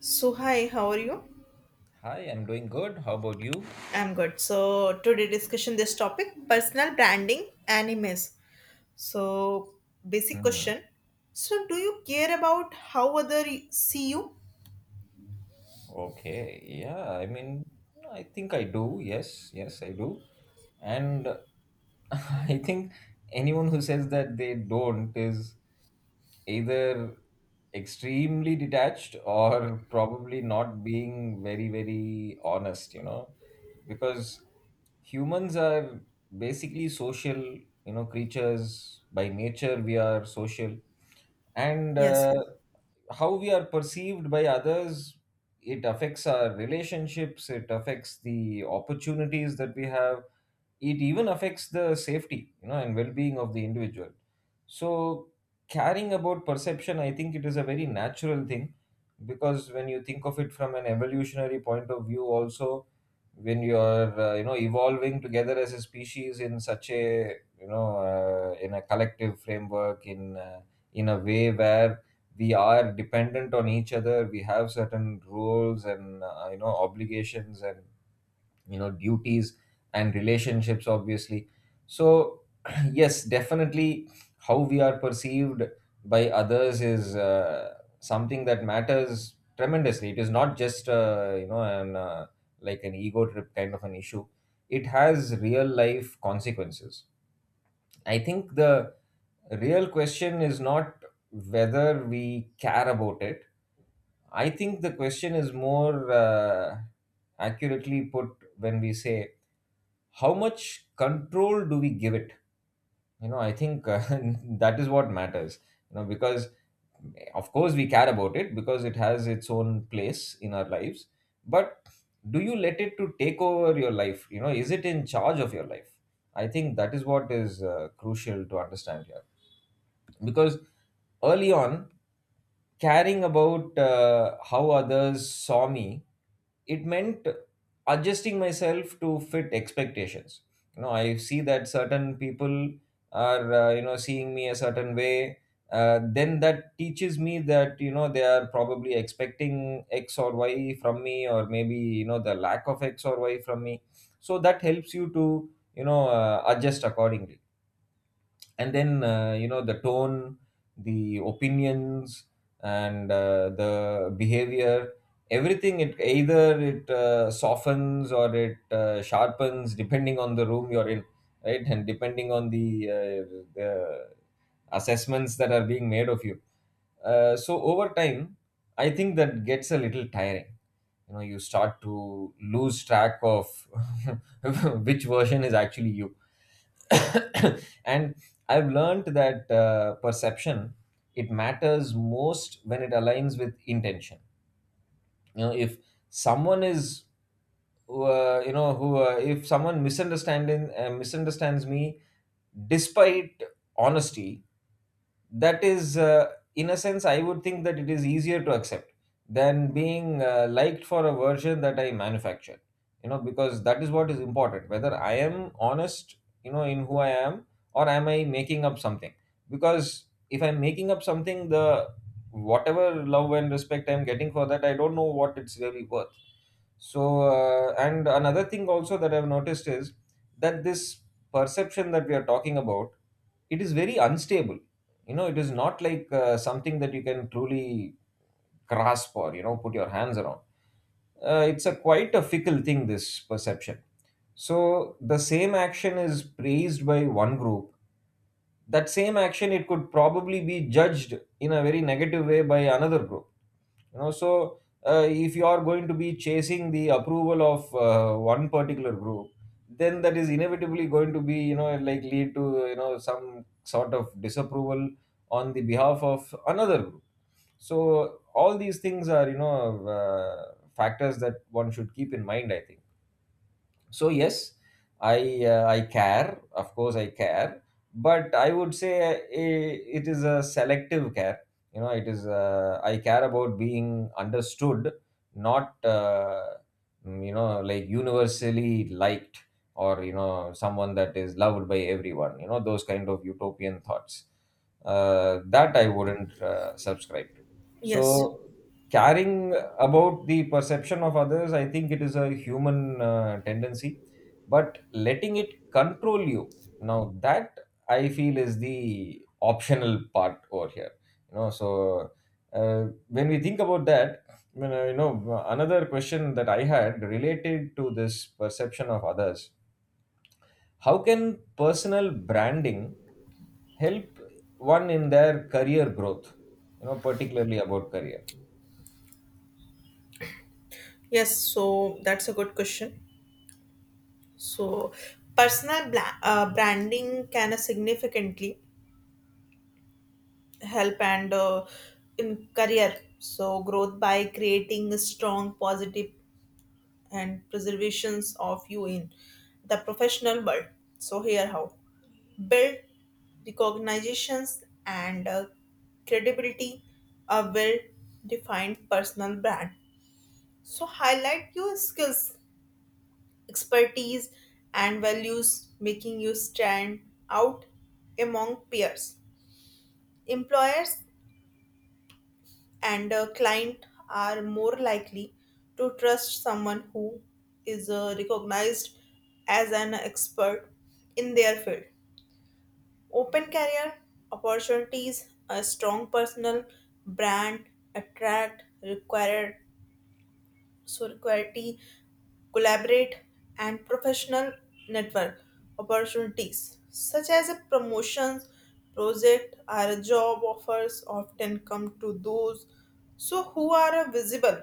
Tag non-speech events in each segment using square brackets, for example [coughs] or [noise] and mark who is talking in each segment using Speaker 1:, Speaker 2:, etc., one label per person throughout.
Speaker 1: So hi, how are you?
Speaker 2: Hi, I'm doing good. How about you?
Speaker 1: I'm good. So today discussion this topic personal branding animes. So basic
Speaker 2: Hmm.
Speaker 1: question. So do you care about how other see you?
Speaker 2: Okay. Yeah. I think I do. Yes, yes, I do. And [laughs] I think anyone who says that they don't is either extremely detached or probably not being very, very honest, you know, because humans are basically social, you know, creatures. By nature, we are social. And
Speaker 1: Yes,
Speaker 2: uh,
Speaker 1: yes.
Speaker 2: how we are perceived by others, it affects our relationships, it affects the opportunities that we have, it even affects the safety, you know, and well-being of the individual. So caring about perception, I think it is a very natural thing, because when you think of it from an evolutionary point of view also, when you are you know, evolving together as a species in such a, you know, in a collective framework, in a way where we are dependent on each other, we have certain rules and, you know, obligations and, you know, duties and relationships obviously. So [clears throat] yes, definitely, how we are perceived by others is, something that matters tremendously. It is not just, you know, an, like an ego trip kind of an issue. It has real life consequences. I think the real question is not whether we care about it. I think the question is more accurately put when we say, how much control do we give it? You know, I think [laughs] that is what matters. You know, because of course we care about it because it has its own place in our lives, but do you let it to take over your life? You know, is it in charge of your life? I think that is what is crucial to understand here. Because early on, caring about how others saw me, it meant adjusting myself to fit expectations. You know, I see that certain people are, you know, seeing me a certain way. Then that teaches me that, you know, they are probably expecting x or y from me, or maybe, you know, the lack of x or y from me. So that helps you to, you know, adjust accordingly. And then, you know, the tone, the opinions, and the behavior, everything, it either, it softens or it sharpens depending on the room you're in, right? And depending on the assessments that are being made of you. So over time, I think that gets a little tiring. You know, you start to lose track of [laughs] which version is actually you. [coughs] And I've learned that perception, it matters most when it aligns with intention. You know, if someone is, you know who if someone misunderstanding misunderstands me despite honesty, that is, in a sense, I would think that it is easier to accept than being liked for a version that I manufacture. You know, because that is what is important, whether I am honest, you know, in who I am, or am I making up something? Because if I'm making up something, the whatever love and respect I'm getting for that, I don't know what it's really worth. So, and another thing also that I've noticed is that this perception that we are talking about, it is very unstable. You know, it is not like something that you can truly grasp or, you know, put your hands around. It's a quite a fickle thing, this perception. So the same action is praised by one group. That same action, it could probably be judged in a very negative way by another group. You know, so if you are going to be chasing the approval of one particular group, then that is inevitably going to be, you know, like, lead to, you know, some sort of disapproval on the behalf of another group. So all these things are, you know, uh, factors that one should keep in mind, I think. So yes, I, I care. Of course I care. But I would say, it is a selective care. You know, it is, I care about being understood, not, you know, like, universally liked, or, you know, someone that is loved by everyone, you know, those kind of utopian thoughts, that I wouldn't subscribe to. So
Speaker 1: Yes.
Speaker 2: caring about the perception of others, I think it is a human tendency. But letting it control you, now that, I feel, is the optional part over here. You know, so uh, when we think about that, you know, you know, another question that I had related to this perception of others, how can personal branding help one in their career growth? You know, particularly about career.
Speaker 1: Yes, so that's a good question. So personal branding can significantly help and in career so growth by creating a strong positive and preservations of you in the professional world. So here how build recognitions and credibility a well-defined personal brand. So highlight your skills, expertise, and values, making you stand out among peers. Employers and a client are more likely to trust someone who is recognized as an expert in their field. Open career opportunities, a strong personal brand, attract required solidarity, collaborate, and professional network opportunities, such as a promotions, project, or job offers, often come to those so who are visible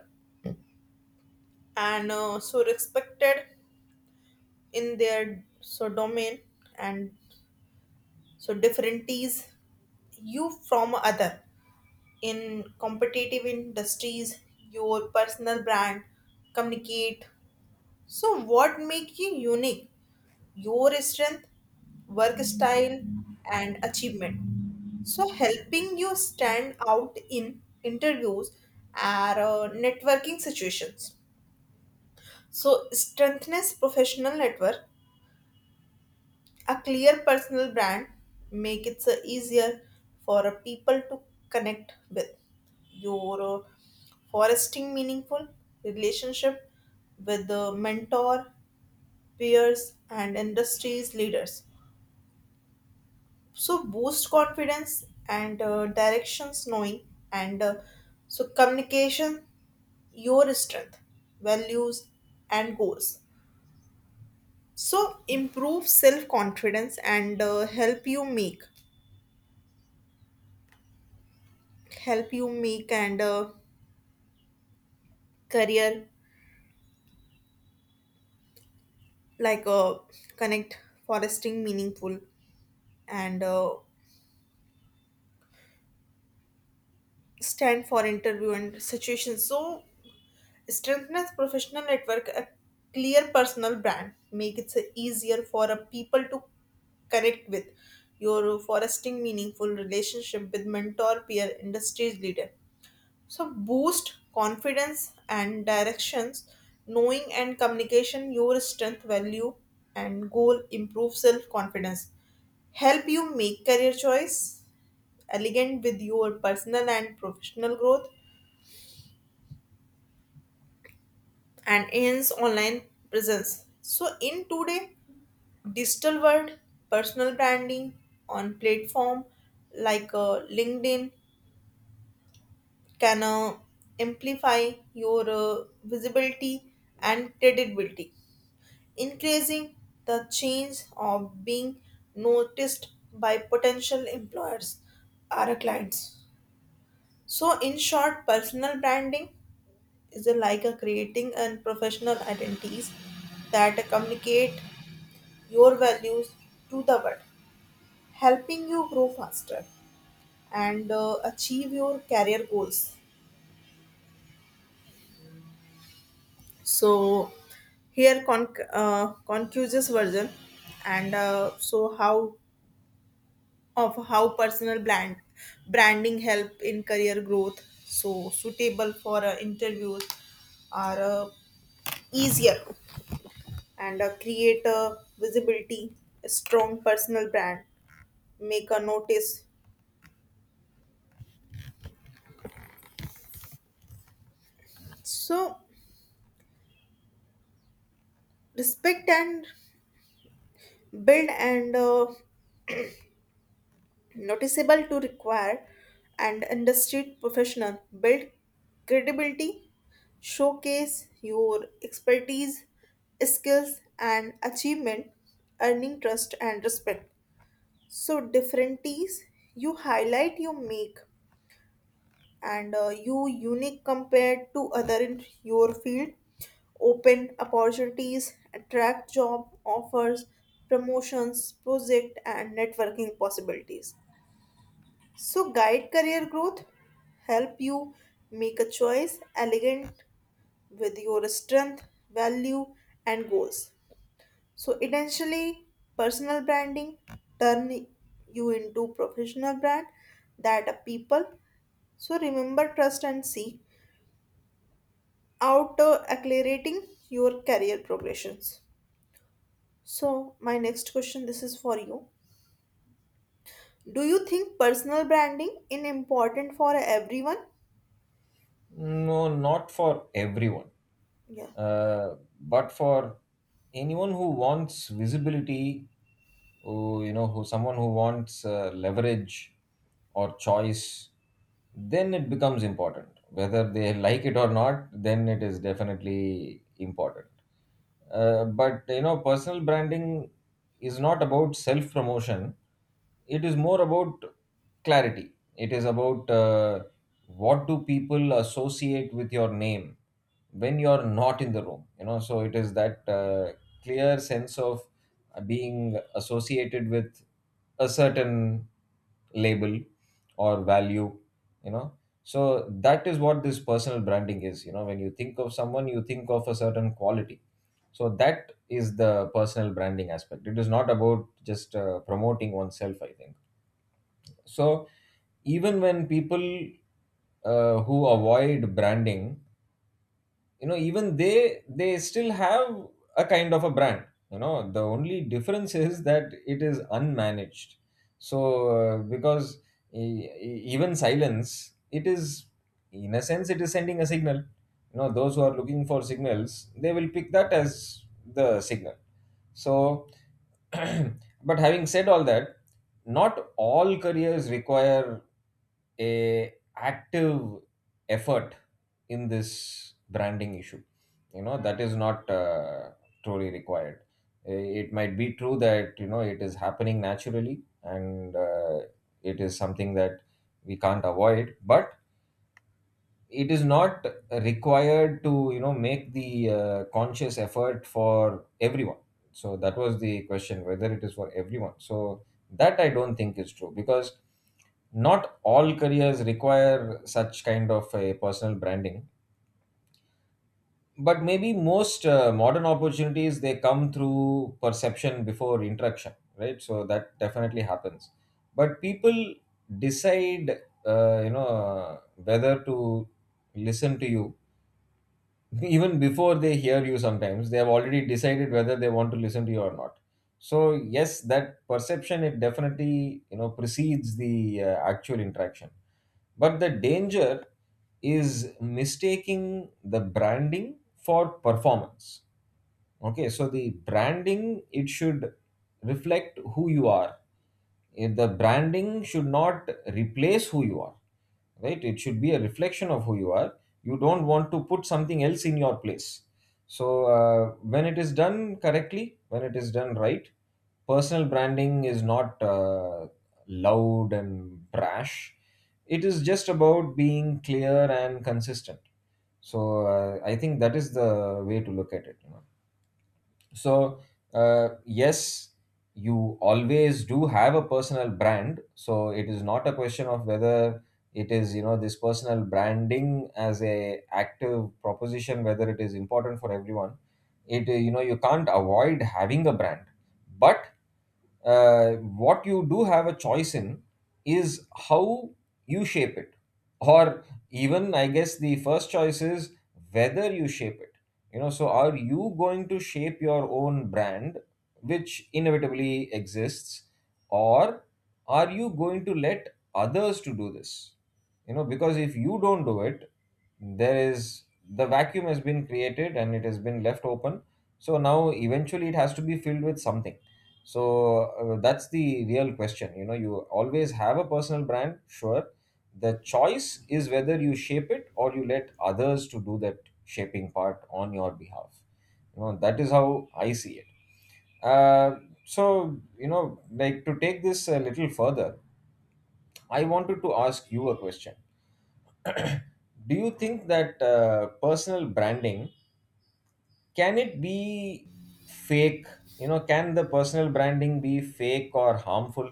Speaker 1: and so respected in their so domain and so differencies you from other in competitive industries your personal brand communicate so what make you unique your strength, work style, and achievement. So, helping you stand out in interviews or networking situations. So, strengthens professional network, a clear personal brand make it so easier for people to connect with. Your fostering meaningful relationship with the mentor, peers, and industries leaders so boost confidence and directions knowing and so communication your strength values and goals so improve self confidence and help you make and career like connect foresting meaningful and stand for interview and situations so strengthen professional network, a clear personal brand. Make it so easier for a people to connect with. You're fostering meaningful relationship with mentor, peer, industries leader. So boost confidence and directions. Knowing and communication your strength, value, and goal improve self confidence. Help you make career choice elegant with your personal and professional growth and hence online presence. So in today digital world, personal branding on platform like LinkedIn can amplify your visibility and credibility, increasing the chance of being noticed by potential employers or clients. So in short, personal branding is a like a creating and professional identities that communicate your values to the world, helping you grow faster and achieve your career goals. So, here conclusive version and so how of how personal brand branding help in career growth so suitable for interviews are easier and create a visibility a strong personal brand make a notice so respect and build and noticeable to require and industry professional build credibility showcase your expertise skills and achievement earning trust and respect so differences you highlight you make and you unique compared to other in your field open opportunities, attract job offers, promotions, project, and networking possibilities. So, guide career growth, help you make a choice elegant with your strength, value, and goals. So, essentially, personal branding turn you into professional brand that a people. So, remember trust and seek out accelerating your career progressions. So, my next question this is for you. Do you think personal branding is important for everyone?
Speaker 2: No, not for everyone,
Speaker 1: Yeah.
Speaker 2: but for anyone who wants visibility, who, you know, who someone who wants leverage or choice, then it becomes important. Whether they like it or not, then it is definitely important. But you know, personal branding is not about self promotion. It is more about clarity. It is about, what do people associate with your name when you are not in the room? You know, so it is that clear sense of being associated with a certain label or value. You know, so that is what this personal branding is. You know, when you think of someone, you think of a certain quality. So that is the personal branding aspect. It is not about just promoting oneself, I think. So even when people, who avoid branding, you know, even they still have a kind of a brand. You know, the only difference is that it is unmanaged. So because even silence, it is, in a sense, it is sending a signal. You know, those who are looking for signals, they will pick that as the signal. So, [clears throat] but having said all that, not all careers require a active effort in this branding issue. You know, that is not truly required. It might be true that, you know, it is happening naturally, and, it is something that we can't avoid. But it is not required to, you know, make the conscious effort for everyone. So that was the question, whether it is for everyone. So that I don't think is true, because not all careers require such kind of a personal branding. But maybe most modern opportunities, they come through perception before interaction, right? So that definitely happens. But people decide, you know, whether to listen to you, [laughs] even before they hear you. Sometimes they have already decided whether they want to listen to you or not. So yes, that perception, it definitely, you know, precedes the actual interaction. But the danger is mistaking the branding for performance. Okay, so the branding, it should reflect who you are. If the branding should not replace who you are, right? It should be a reflection of who you are. You don't want to put something else in your place. So when it is done correctly, when it is done right, personal branding is not loud and brash. It is just about being clear and consistent. So I think that is the way to look at it. So yes, you always do have a personal brand. So it is not a question of whether it is, you know, this personal branding as a active proposition, whether it is important for everyone. It, you know, you can't avoid having a brand. But what you do have a choice in is how you shape it, or even, I guess, the first choice is whether you shape it. You know, so are you going to shape your own brand, which inevitably exists, or are you going to let others to do this? You know, because if you don't do it, there is, the vacuum has been created and it has been left open. So now, eventually, it has to be filled with something. So that's the real question. You know, you always have a personal brand, sure. The choice is whether you shape it or you let others to do that shaping part on your behalf. You know, that is how I see it. uh, so you know, like, to take this a little further, I wanted to ask you a question. Do you think that, personal branding, can it be fake? You know, can the personal branding be fake or harmful?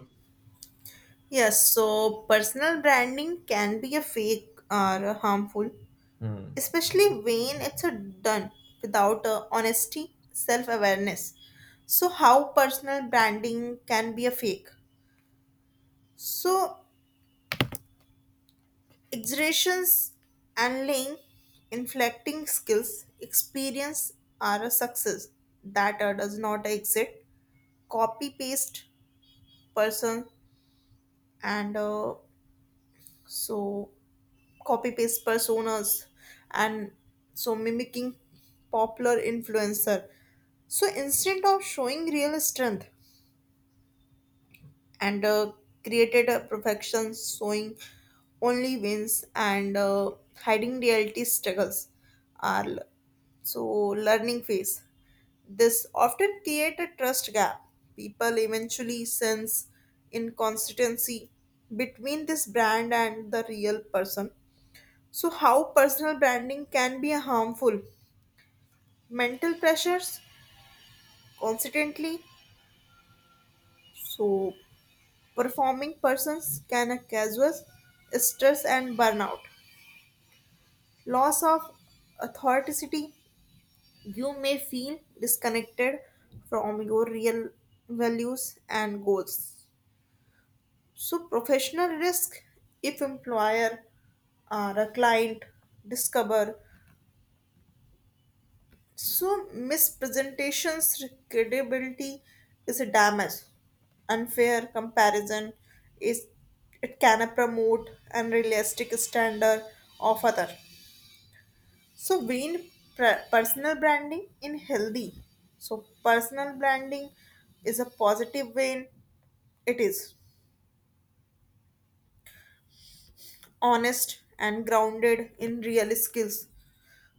Speaker 1: Yes, so personal branding can be a fake or harmful,
Speaker 2: Hmm.
Speaker 1: especially when it's a done without honesty, self awareness. So, how personal branding can be a fake? So, exaggerations and lying, inflecting skills, experience are a success that does not exist. Copy paste person and so copy paste personas and so mimicking popular influencer so instead of showing real strength and created a perfection showing only wins and hiding reality struggles are so learning phase this often create a trust gap people eventually sense inconsistency between this brand and the real person so, how personal branding can be harmful? Mental pressures constantly. So, performing persons can cause stress and burnout. Loss of authenticity. You may feel disconnected from your real values and goals. So, professional risk if employer or a client discover so, mispresentations credibility is a damage. Unfair comparison is it can promote unrealistic standard of other. So, being personal branding in healthy. So, personal branding is a positive vein. It is honest and grounded in real skills,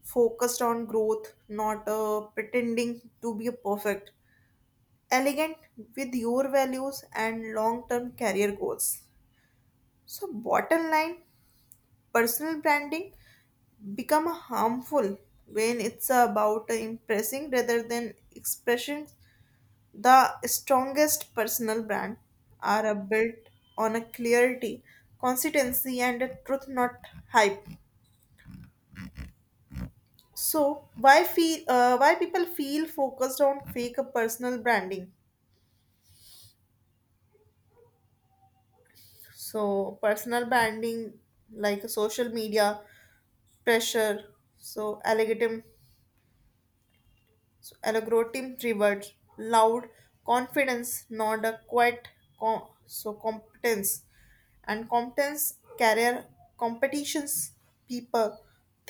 Speaker 1: focused on growth, not pretending to be perfect elegant with your values and long term career goals. So, bottom line personal branding become harmful when it's about impressing rather than expression. The strongest personal brand are built on a clarity, consistency, and a truth, not hype. So, why feel? Why people feel focused on fake personal branding? So personal branding, like social media pressure, so algorithm, so algorithm rewards loud confidence, not a quiet so competence, and competence career competitions people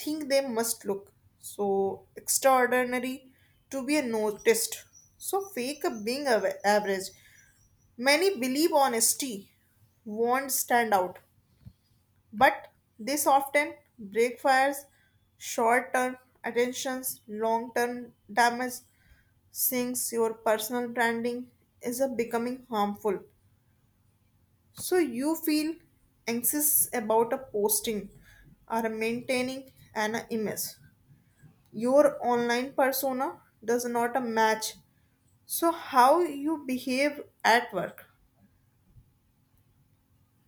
Speaker 1: think they must look so extraordinary to be noticed. So fake being average. Many believe honesty won't stand out. But this often backfires short term attentions, long term damage, sinks your personal branding is a becoming harmful. So you feel anxious about a posting or maintaining an image. Your online persona does not match. So how you behave at work.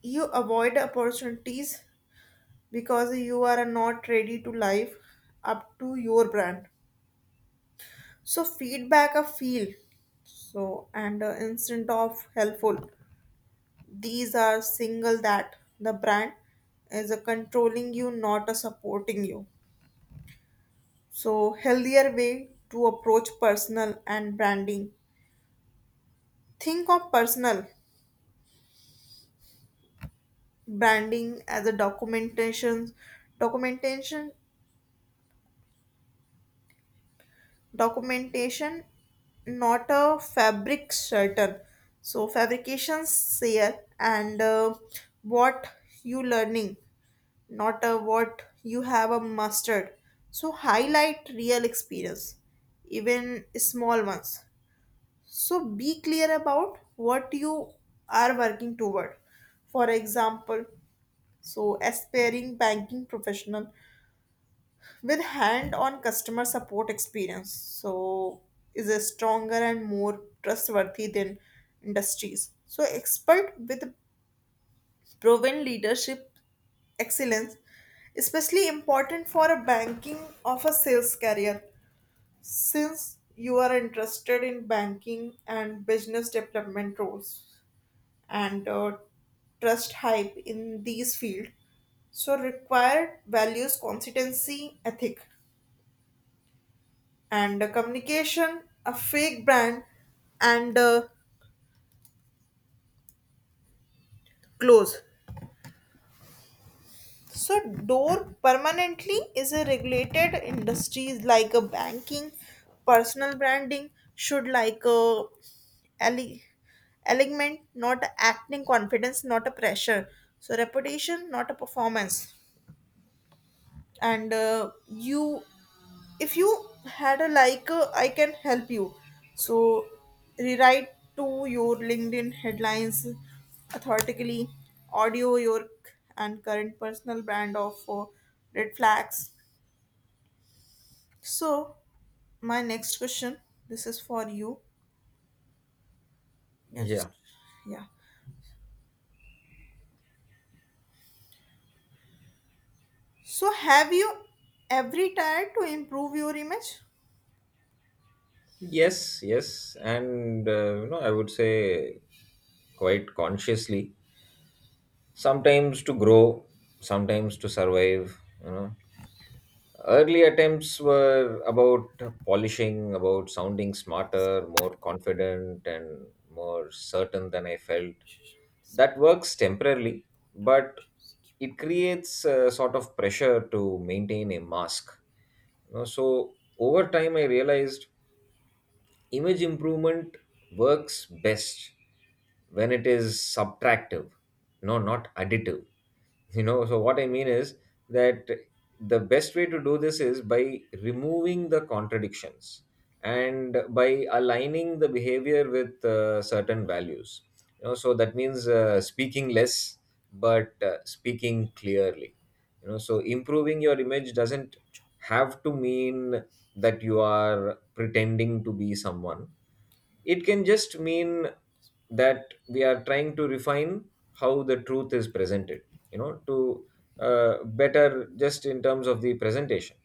Speaker 1: You avoid opportunities because you are not ready to live up to your brand. So feedback a feel so and instant of helpful. These are single that the brand is a controlling you, not a supporting you. So healthier way to approach personal and branding. Think of personal branding as a documentation documentation not a fabric certain so fabrications here and what you learning not a what you have a mastered so highlight real experience even small ones so be clear about what you are working toward for example so aspiring banking professional with hand-on customer support experience so is a stronger and more trustworthy than industries so expert with proven leadership excellence especially important for a banking of a sales career since you are interested in banking and business development roles and trust hype in these fields so required values consistency ethic and communication, a fake brand, and close. So, door permanently is a regulated industries like a banking, personal branding should like a ele- element, not acting confidence, not a pressure. So, reputation, not a performance. And you if you had a like I can help you so rewrite to your LinkedIn headlines authoritatively audio your and current personal brand of red flags so my next question this is for you yeah just
Speaker 2: Yeah.
Speaker 1: yeah so have you ever tried to improve your image?
Speaker 2: Yes, yes, and, you know, I would say quite consciously. Sometimes to grow, sometimes to survive. You know, early attempts were about polishing, about sounding smarter, more confident, and more certain than I felt. That works temporarily, but it creates a sort of pressure to maintain a mask. You know, so over time, I realized image improvement works best when it is subtractive, no, not additive. [laughs] You know, so what I mean is that the best way to do this is by removing the contradictions and by aligning the behavior with certain values. You know, so that means speaking less, but speaking clearly. You know, so improving your image doesn't have to mean that you are pretending to be someone. It can just mean that we are trying to refine how the truth is presented, you know, to better just in terms of the presentation.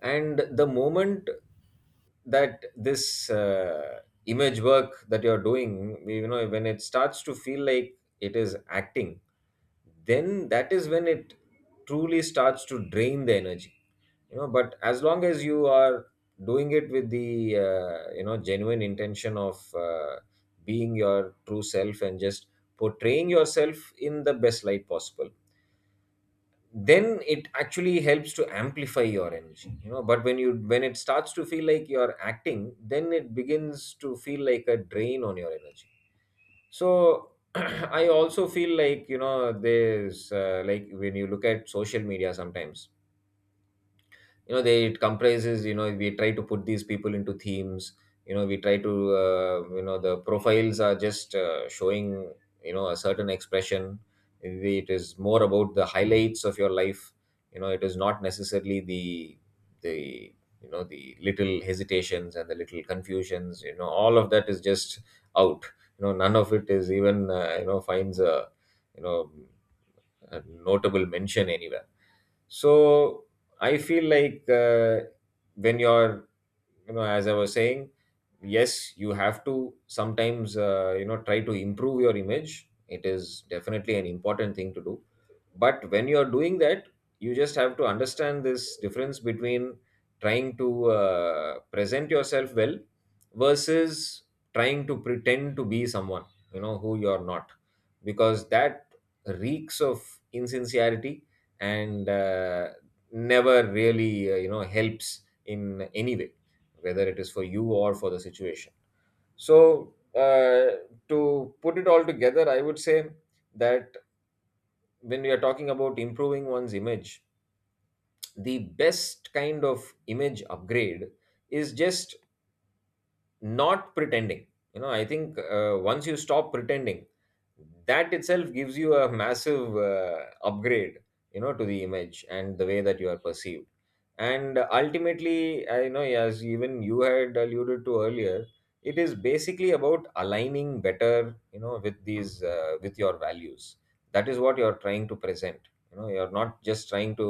Speaker 2: And the moment that this image work that you're doing, you know, when it starts to feel like it is acting, then that is when it truly starts to drain the energy. You know, but as long as you are doing it with the you know genuine intention of being your true self and just portraying yourself in the best light possible, then it actually helps to amplify your energy. You know, but when you when it starts to feel like you're acting, then it begins to feel like a drain on your energy. So [clears throat] I also feel like, you know, there's like when you look at social media sometimes, you know, they it comprises, you know, we try to put these people into themes. You know, we try to you know, the profiles are just showing, you know, a certain expression. It is more about the highlights of your life. You know, it is not necessarily the you know, the little hesitations and the little confusions. You know, all of that is just out. You know, none of it is even you know, finds a, you know, a notable mention anywhere. So I feel like, when you're, you know, as I was saying, yes, you have to sometimes you know, try to improve your image. It is definitely an important thing to do. But when you're doing that, you just have to understand this difference between trying to present yourself well versus trying to pretend to be someone, you know, who you're not, because that reeks of insincerity, and never really you know helps in any way, whether it is for you or for the situation. So, to put it all together, I would say that when we are talking about improving one's image, the best kind of image upgrade is just not pretending. You know, I think once you stop pretending, that itself gives you a massive upgrade, you know, to the image and the way that you are perceived. And ultimately, I know, as even you had alluded to earlier, it is basically about aligning better, you know, with these with your values. That is what you are trying to present. You know, you're not just trying to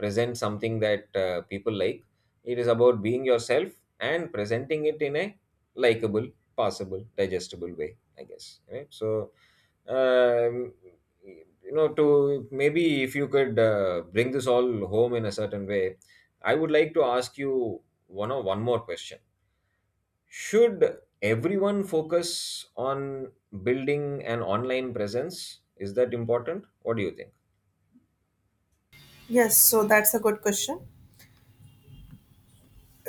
Speaker 2: present something that people like. It is about being yourself and presenting it in a likable, passable, digestible way, I guess. Right? So, um, you know, to maybe if you could bring this all home in a certain way, I would like to ask you one more question. Should everyone focus on building an online presence? Is that important? What do you think?
Speaker 1: Yes, so that's a good question.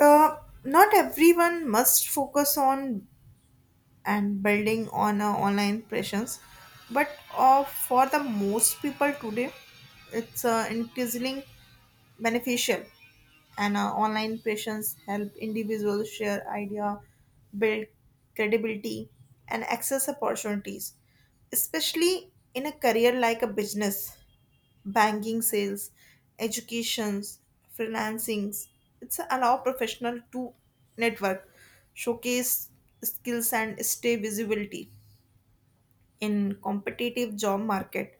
Speaker 1: Uh, Not everyone must focus on and building on a online presence but for the most people today it's increasingly beneficial and online presence help individuals share idea build credibility and access opportunities especially in a career like a business banking sales, educations, financings. It's allow professional to network, showcase skills and stay visibility in competitive job market.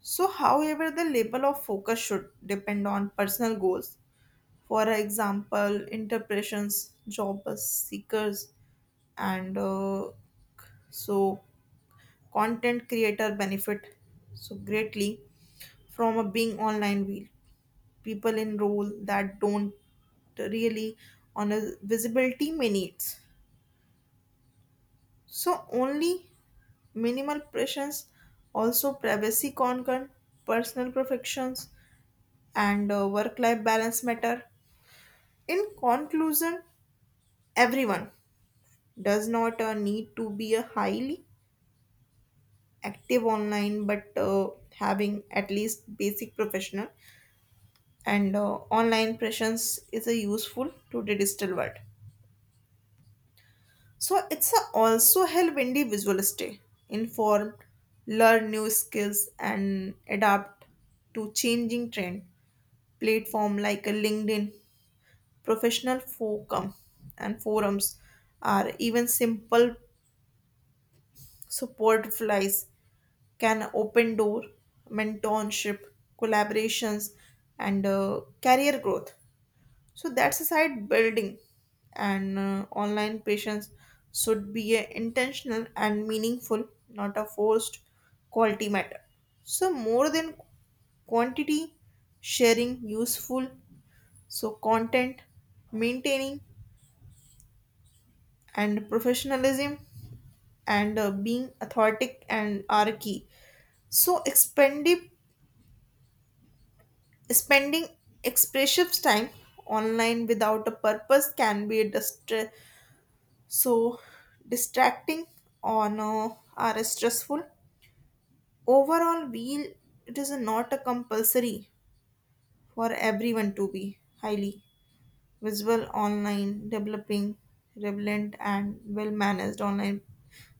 Speaker 1: So however the level of focus should depend on personal goals. For example, interpretations, job seekers and so content creator benefit so greatly from a being online wheel people in role that don't really on a visibility minutes. So only minimal pressures, also privacy concern, personal perfections, and work-life balance matter. In conclusion, everyone does not need to be a highly active online, but having at least basic professional and online presence is a useful to the digital world. So it's a also help individuals stay informed, learn new skills, and adapt to changing trend. Platform like a LinkedIn, professional forum, and forums are even simple support flies can open door mentorship, collaborations, and career growth. So that's a side building, and online patients should be a intentional and meaningful, not a forced quality matter. So more than quantity, sharing useful, so content, maintaining and professionalism and being authentic and are key. So expendive spending expressive time online without a purpose can be a so distracting or no are stressful overall wheel it is not a compulsory for everyone to be highly visible online developing relevant and well managed online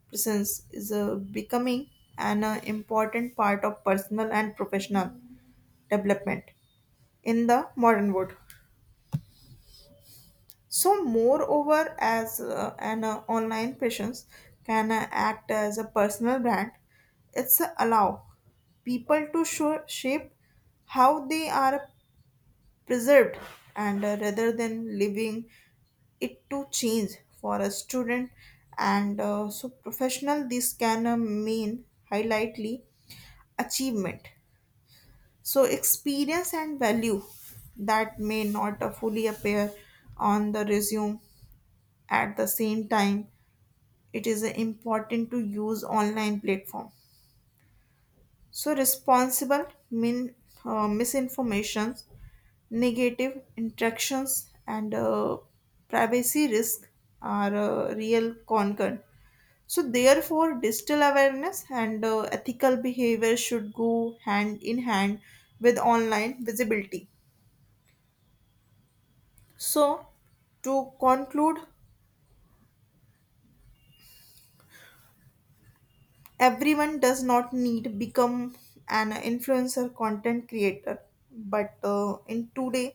Speaker 1: presence is a becoming an important part of personal and professional development in the modern world. So, moreover, as an online presence can act as a personal brand, it's allow people to show, shape how they are preserved and rather than leaving it to change for a student and so professional this can mean highlightly achievement so experience and value that may not fully appear on the resume at the same time, it is important to use online platform. So responsible min, misinformations, negative interactions, and privacy risk are a real concern. So therefore, digital awareness and ethical behavior should go hand in hand with online visibility. So to conclude, everyone does not need become an influencer content creator but in today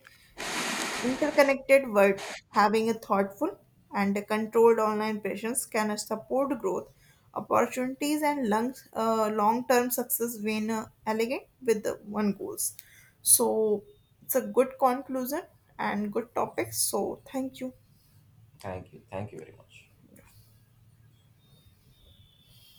Speaker 1: interconnected world having a thoughtful and a controlled online presence can support growth opportunities and long term success when elegant with the one goals so it's a good conclusion and good topic so thank you
Speaker 2: Thank you. Thank you very much.